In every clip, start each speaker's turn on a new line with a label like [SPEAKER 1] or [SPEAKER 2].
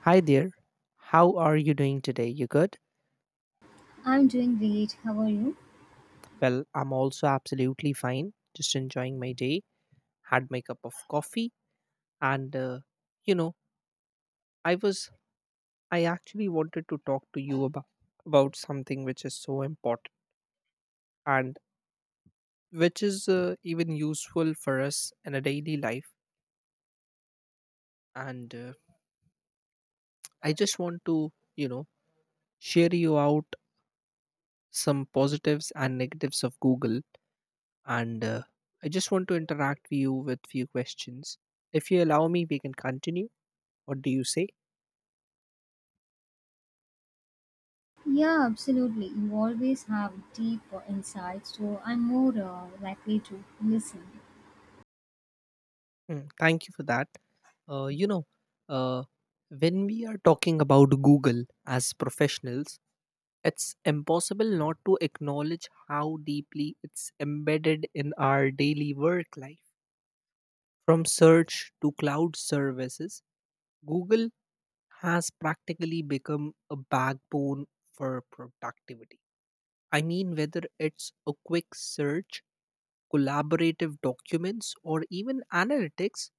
[SPEAKER 1] Hi there. How are you doing today? You good?
[SPEAKER 2] I'm doing great. How are you?
[SPEAKER 1] Well, I'm also absolutely fine. Just enjoying my day. Had my cup of coffee and you know, I was I actually wanted to talk to you about something which is so important and which is even useful for us in a daily life and I just want to, share you out some positives and negatives of Google and I just want to interact with you with few questions. If you allow me, we can continue. What do you say?
[SPEAKER 2] Yeah, absolutely. You always have deep insights, so I'm more likely to listen.
[SPEAKER 1] Mm, thank you for that. Uh, you know, uh, when we are talking about Google as professionals, it's impossible not to acknowledge how deeply it's embedded in our daily work life. From search to cloud services, Google has practically become a backbone for productivity. I mean, whether it's a quick search, collaborative documents, or even analytics,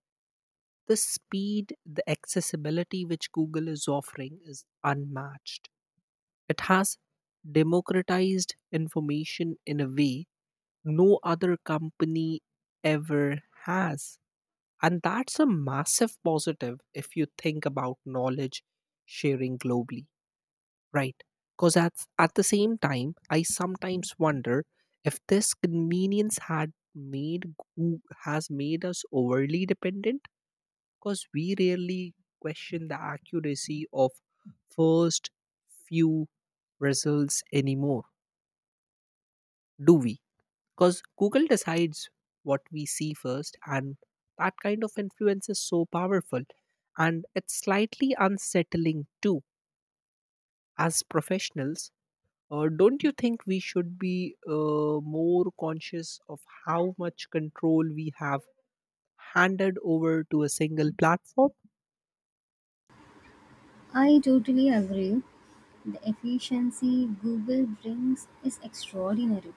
[SPEAKER 1] the speed, the accessibility which Google is offering is unmatched. It has democratized information in a way no other company ever has. And that's a massive positive if you think about knowledge sharing globally. Right. Because at the same time, I sometimes wonder if this convenience had made has made us overly dependent because we rarely question the accuracy of first few results anymore, do we? Because Google decides what we see first, and that kind of influence is so powerful. And it's slightly unsettling too. As professionals, don't you think we should be more conscious of how much control we have handed over to a single platform?
[SPEAKER 2] I totally agree. The efficiency Google brings is extraordinary,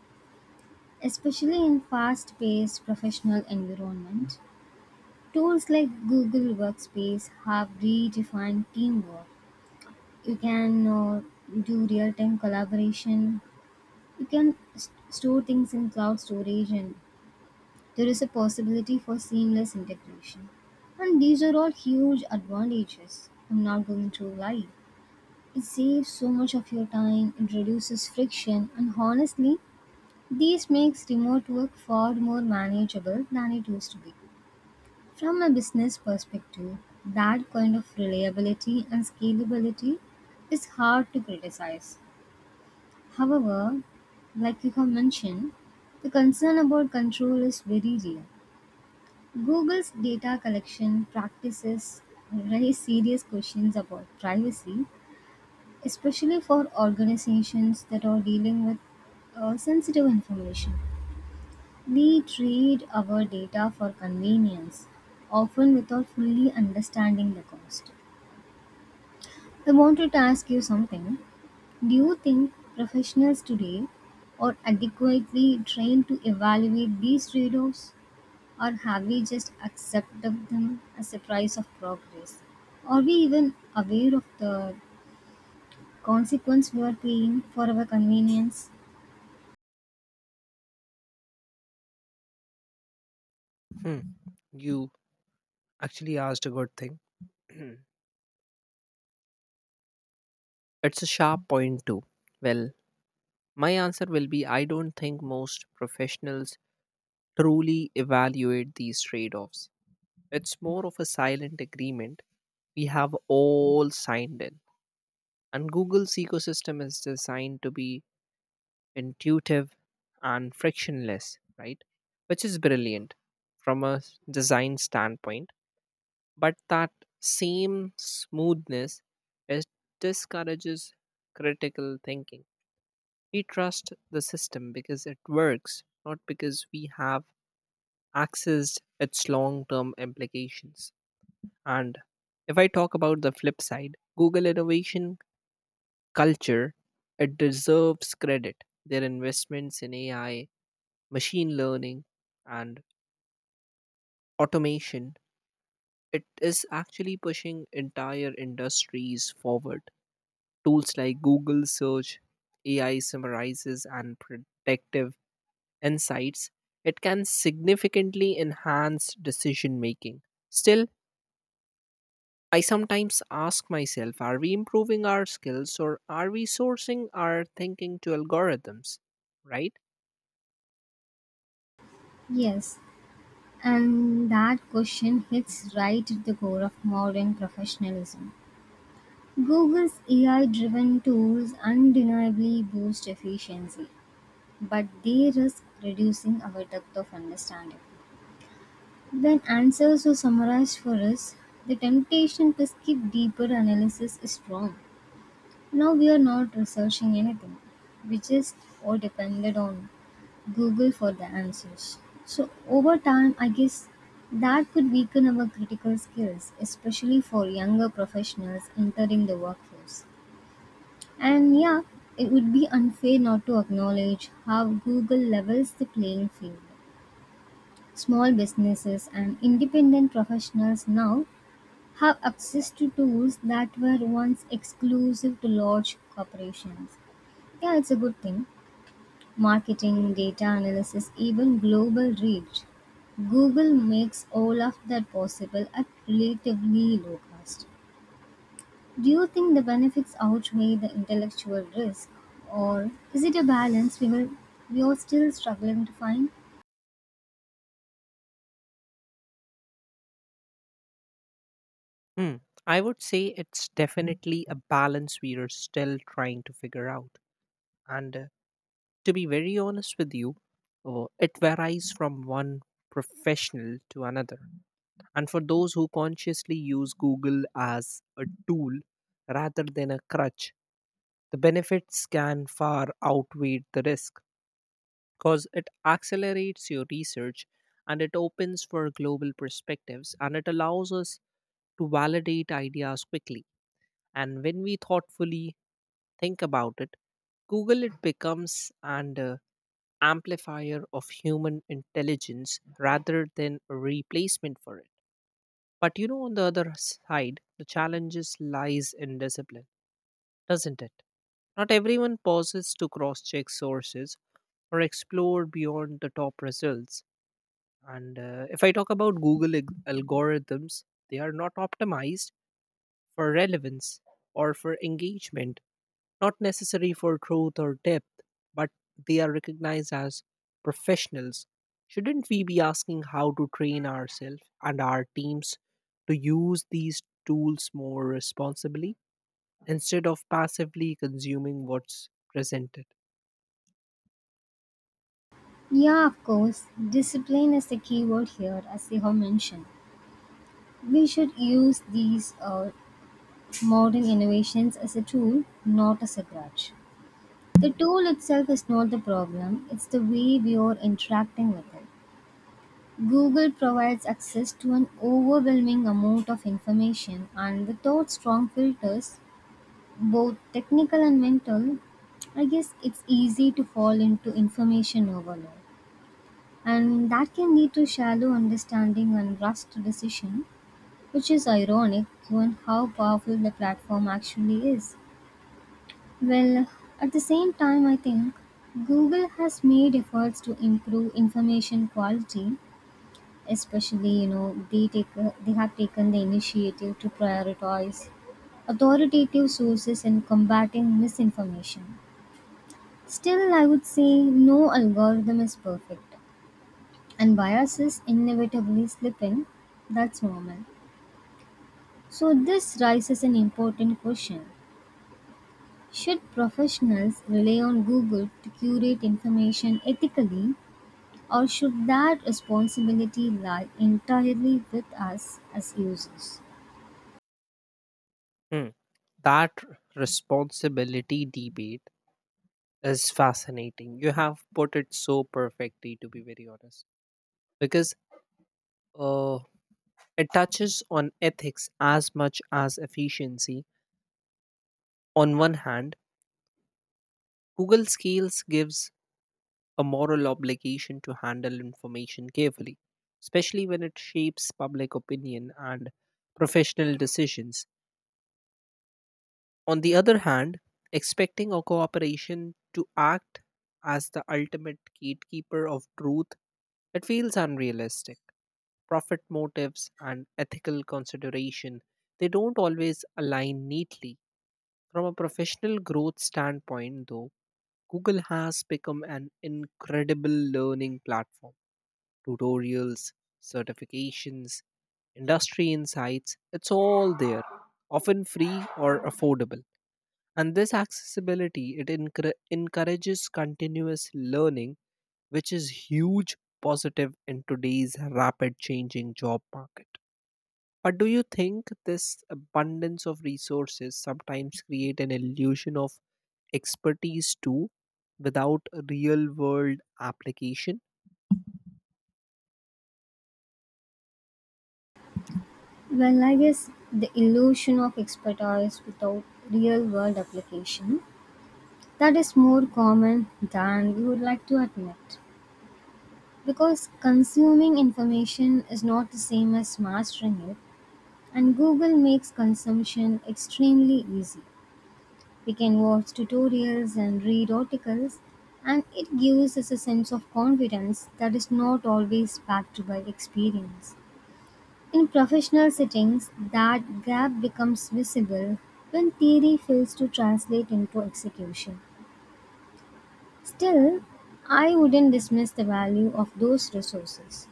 [SPEAKER 2] especially in fast-paced professional environment. Tools like Google Workspace have redefined teamwork. You can do real-time collaboration. You can store things in cloud storage, and there is a possibility for seamless integration. And these are all huge advantages. I'm not going to lie. It saves so much of your time, it reduces friction, and honestly, this makes remote work far more manageable than it used to be. From a business perspective, that kind of reliability and scalability is hard to criticize. However, like you have mentioned, the concern about control is very real. Google's data collection practices raise serious questions about privacy, especially for organizations that are dealing with sensitive information. We trade our data for convenience, often without fully understanding the cost. I wanted to ask you something. Do you think professionals today are adequately trained to evaluate these trade offs? Or have we just accepted them as a price of progress? Are we even aware of the consequence we are paying for our convenience?
[SPEAKER 1] Hmm. You actually asked a good thing. It's a sharp point, too. Well, my answer will be I don't think most professionals truly evaluate these trade offs. It's more of a silent agreement we have all signed in. And Google's ecosystem is designed to be intuitive and frictionless, right? Which is brilliant from a design standpoint. But that same smoothness, it discourages critical thinking. We trust the system because it works, not because we have accessed its long term implications. And if I talk about the flip side, Google innovation culture, it deserves credit. Their investments in AI, machine learning, and automation, it is actually pushing entire industries forward. Tools like Google Search, AI summarizes, and predictive insights, it can significantly enhance decision making. Still, I sometimes ask myself, are we improving our skills or are we sourcing our thinking to algorithms? Right?
[SPEAKER 2] Yes, and that question hits right at the core of modern professionalism. Google's AI driven tools undeniably boost efficiency, but they risk reducing our depth of understanding. When answers are summarized for us, the temptation to skip deeper analysis is strong. Now we are not researching anything. We just all depended on Google for the answers. So over time, I guess that could weaken our critical skills, especially for younger professionals entering the workforce. And yeah, it would be unfair not to acknowledge how Google levels the playing field. Small businesses and independent professionals now have access to tools that were once exclusive to large corporations. Yeah, it's a good thing. Marketing, data analysis, even global reach. Google makes all of that possible at relatively low cost. Do you think the benefits outweigh the intellectual risk, or is it a balance we are still struggling to find?
[SPEAKER 1] Hmm. I would say it's definitely a balance we are still trying to figure out. And to be very honest with you, it varies from one professional to another. And for those who consciously use Google as a tool rather than a crutch, the benefits can far outweigh the risk because it accelerates your research and it opens for global perspectives and it allows us to validate ideas quickly. And when we thoughtfully think about it, Google, it becomes an amplifier of human intelligence rather than a replacement for it. But you know, on the other side, the challenges lies in discipline, doesn't it? Not everyone pauses to cross check sources or explore beyond the top results. And if I talk about Google algorithms, they are not optimized for relevance or for engagement, not necessary for truth or depth, but they are recognized as professionals. Shouldn't we be asking how to train ourselves and our teams to use these tools more responsibly, instead of passively consuming what's presented?
[SPEAKER 2] Yeah, of course. Discipline is the key word here, as they have mentioned. We should use these modern innovations as a tool, not as a grudge. The tool itself is not the problem, it's the way we are interacting with it. Google provides access to an overwhelming amount of information, and without strong filters, both technical and mental, I guess it's easy to fall into information overload. And that can lead to shallow understanding and rushed decision, which is ironic given how powerful the platform actually is. Well, at the same time, I think Google has made efforts to improve information quality, especially, you know, they have taken the initiative to prioritize authoritative sources in combating misinformation. Still, I would say no algorithm is perfect, and biases inevitably slip in. That's normal. So, this raises an important question. Should professionals rely on Google to curate information ethically, or should that responsibility lie entirely with us as users?
[SPEAKER 1] Hmm. That responsibility debate is fascinating. You have put it so perfectly, to be very honest, because uh, it touches on ethics as much as efficiency. On one hand, Google Scales gives a moral obligation to handle information carefully, especially when it shapes public opinion and professional decisions. On the other hand, expecting a corporation to act as the ultimate gatekeeper of truth, it feels unrealistic. Profit motives and ethical consideration, they don't always align neatly. From a professional growth standpoint, though, Google has become an incredible learning platform: tutorials, certifications, industry insights, it's all there, often free or affordable. And this accessibility, it encourages continuous learning, which is huge positive in today's rapid changing job market. But do you think this abundance of resources sometimes create an illusion of expertise too without real world application?
[SPEAKER 2] Well, I guess the illusion of expertise without real world application, that is more common than we would like to admit, because consuming information is not the same as mastering it, and Google makes consumption extremely easy. We can watch tutorials and read articles, and it gives us a sense of confidence that is not always backed by experience. In professional settings, that gap becomes visible when theory fails to translate into execution. Still, I wouldn't dismiss the value of those resources.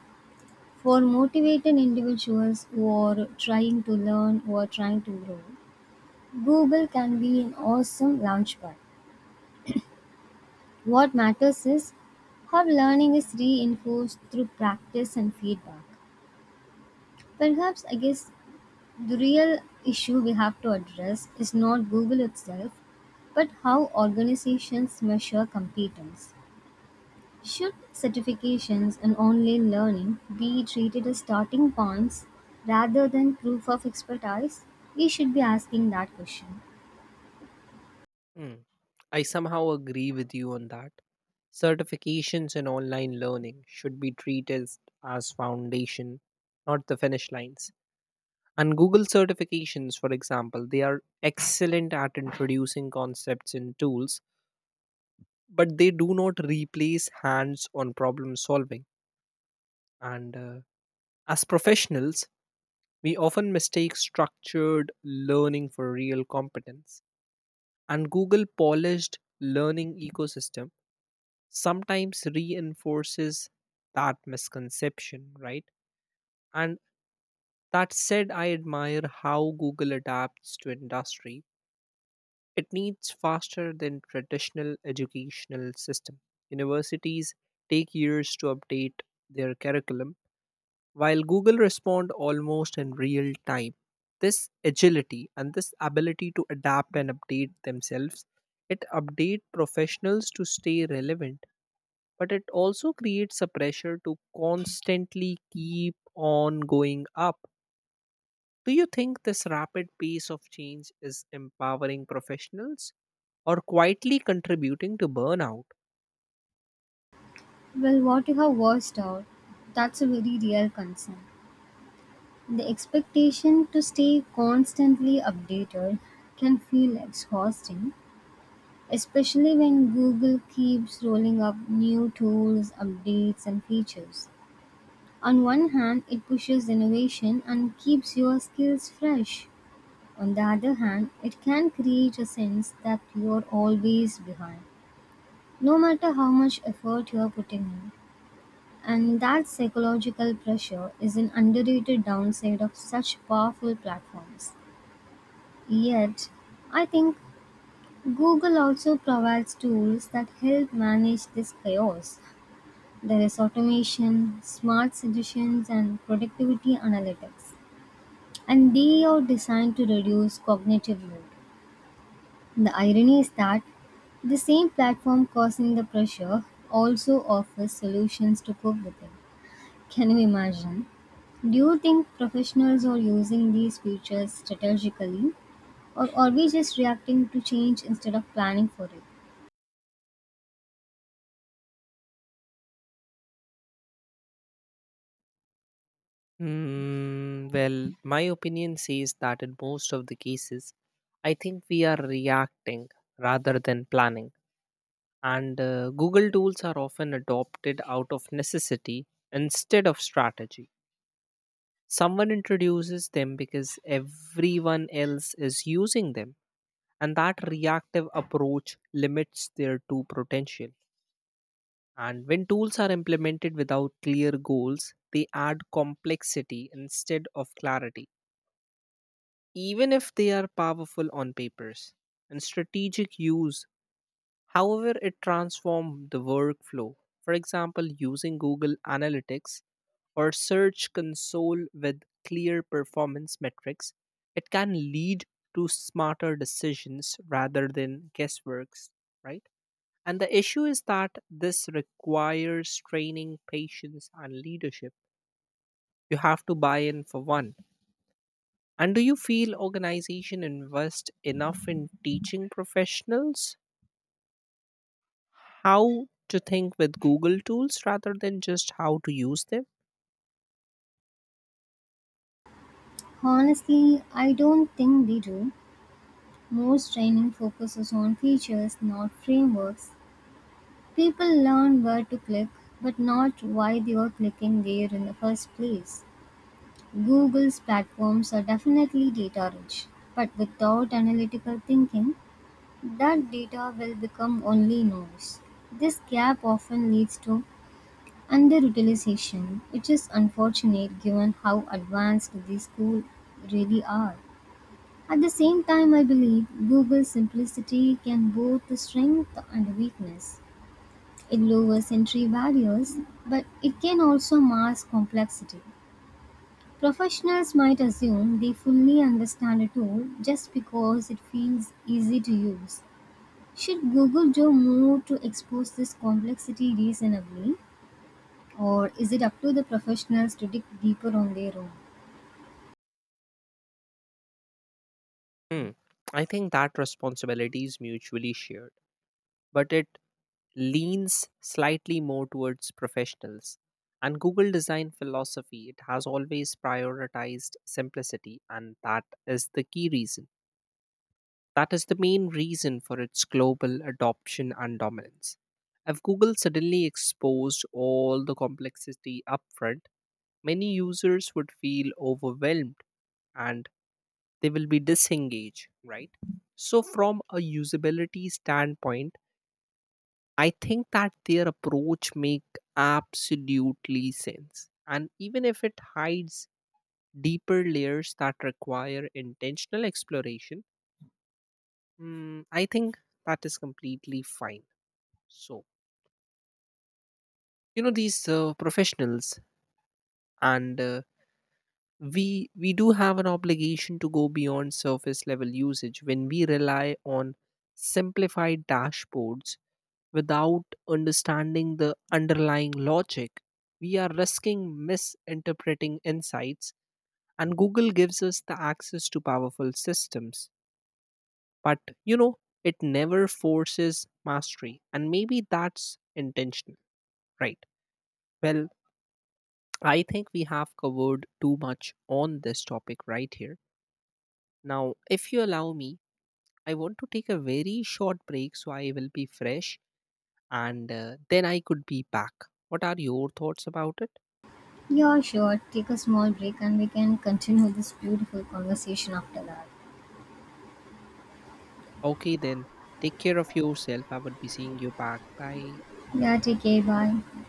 [SPEAKER 2] For motivated individuals who are trying to learn or trying to grow, Google can be an awesome launchpad. What matters is how learning is reinforced through practice and feedback. Perhaps, I guess, the real issue we have to address is not Google itself, but how organizations measure competence. Should certifications and online learning be treated as starting points rather than proof of expertise? We should be asking that question.
[SPEAKER 1] Hmm, I somehow agree with you on that. Certifications in online learning should be treated as foundation, not the finish lines. And Google certifications, for example, they are excellent at introducing concepts and tools, but they do not replace hands on problem solving. And as professionals, we often mistake structured learning for real competence. And Google polished learning ecosystem sometimes reinforces that misconception, right? And that said, I admire how Google adapts to industry. It needs faster than traditional educational system. Universities take years to update their curriculum, while Google respond almost in real time. This agility and this ability to adapt and update themselves, it update professionals to stay relevant but it also creates a pressure to constantly keep on going up. Do you think this rapid pace of change is empowering professionals or quietly contributing to burnout?
[SPEAKER 2] Well, what you have voiced out, that's a very real concern. The expectation to stay constantly updated can feel exhausting, especially when Google keeps rolling up new tools, updates, and features. On one hand, it pushes innovation and keeps your skills fresh. On the other hand, it can create a sense that you're always behind, no matter how much effort you're putting in. And that psychological pressure is an underrated downside of such powerful platforms. Yet, I think Google also provides tools that help manage this chaos. There is automation, smart suggestions, and productivity analytics. And they are designed to reduce cognitive load. The irony is that the same platform causing the pressure also offers solutions to cope with it. Can you imagine? Do you think professionals are using these features strategically, or are we just reacting to change instead of planning for it?
[SPEAKER 1] Mm, well, my opinion says that in most of the cases, I think we are reacting rather than planning. And Google tools are often adopted out of necessity instead of strategy. Someone introduces them because everyone else is using them, and that reactive approach limits their true potential. And when tools are implemented without clear goals, they add complexity instead of clarity, even if they are powerful on papers. And strategic use, however, it transformed the workflow. For example, using Google Analytics or Search Console with clear performance metrics, it can lead to smarter decisions rather than guessworks, right? And the issue is that this requires training, patience, and leadership. You have to buy in for one. And do you feel organization invest enough in teaching professionals how to think with Google tools rather than just how to use them?
[SPEAKER 2] Honestly, I don't think they do. Most training focuses on features, not frameworks. People learn where to click, but not why they are clicking there in the first place. Google's platforms are definitely data rich, but without analytical thinking, that data will become only noise. This gap often leads to underutilization, which is unfortunate given how advanced these tools really are. At the same time, I believe Google's simplicity can both the strength and weakness. It lowers entry barriers, but it can also mask complexity. Professionals might assume they fully understand a tool just because it feels easy to use. Should Google do more to expose this complexity reasonably? Or is it up to the professionals to dig deeper on their own?
[SPEAKER 1] Hmm. I think that responsibility is mutually shared, but it leans slightly more towards professionals. And Google design philosophy, it has always prioritized simplicity, and that is the key reason. That is the main reason for its global adoption and dominance. If Google suddenly exposed all the complexity upfront, many users would feel overwhelmed and they will be disengaged, right? So, from a usability standpoint, I think that their approach make absolutely sense. And even if it hides deeper layers that require intentional exploration, mm, I think that is completely fine. So, you know, these professionals and we do have an obligation to go beyond surface level usage. When we rely on simplified dashboards without understanding the underlying logic, we are risking misinterpreting insights. And Google gives us the access to powerful systems. But, you know, it never forces mastery. And maybe that's intentional, right? Well, I think we have covered too much on this topic right here. Now, if you allow me, I want to take a very short break so I will be fresh and then I could be back. What are your thoughts about it?
[SPEAKER 2] Yeah, sure. Take a small break and we can continue this beautiful conversation after that.
[SPEAKER 1] Okay then, take care of yourself. I would be seeing you back. Bye.
[SPEAKER 2] Yeah, take care. Bye.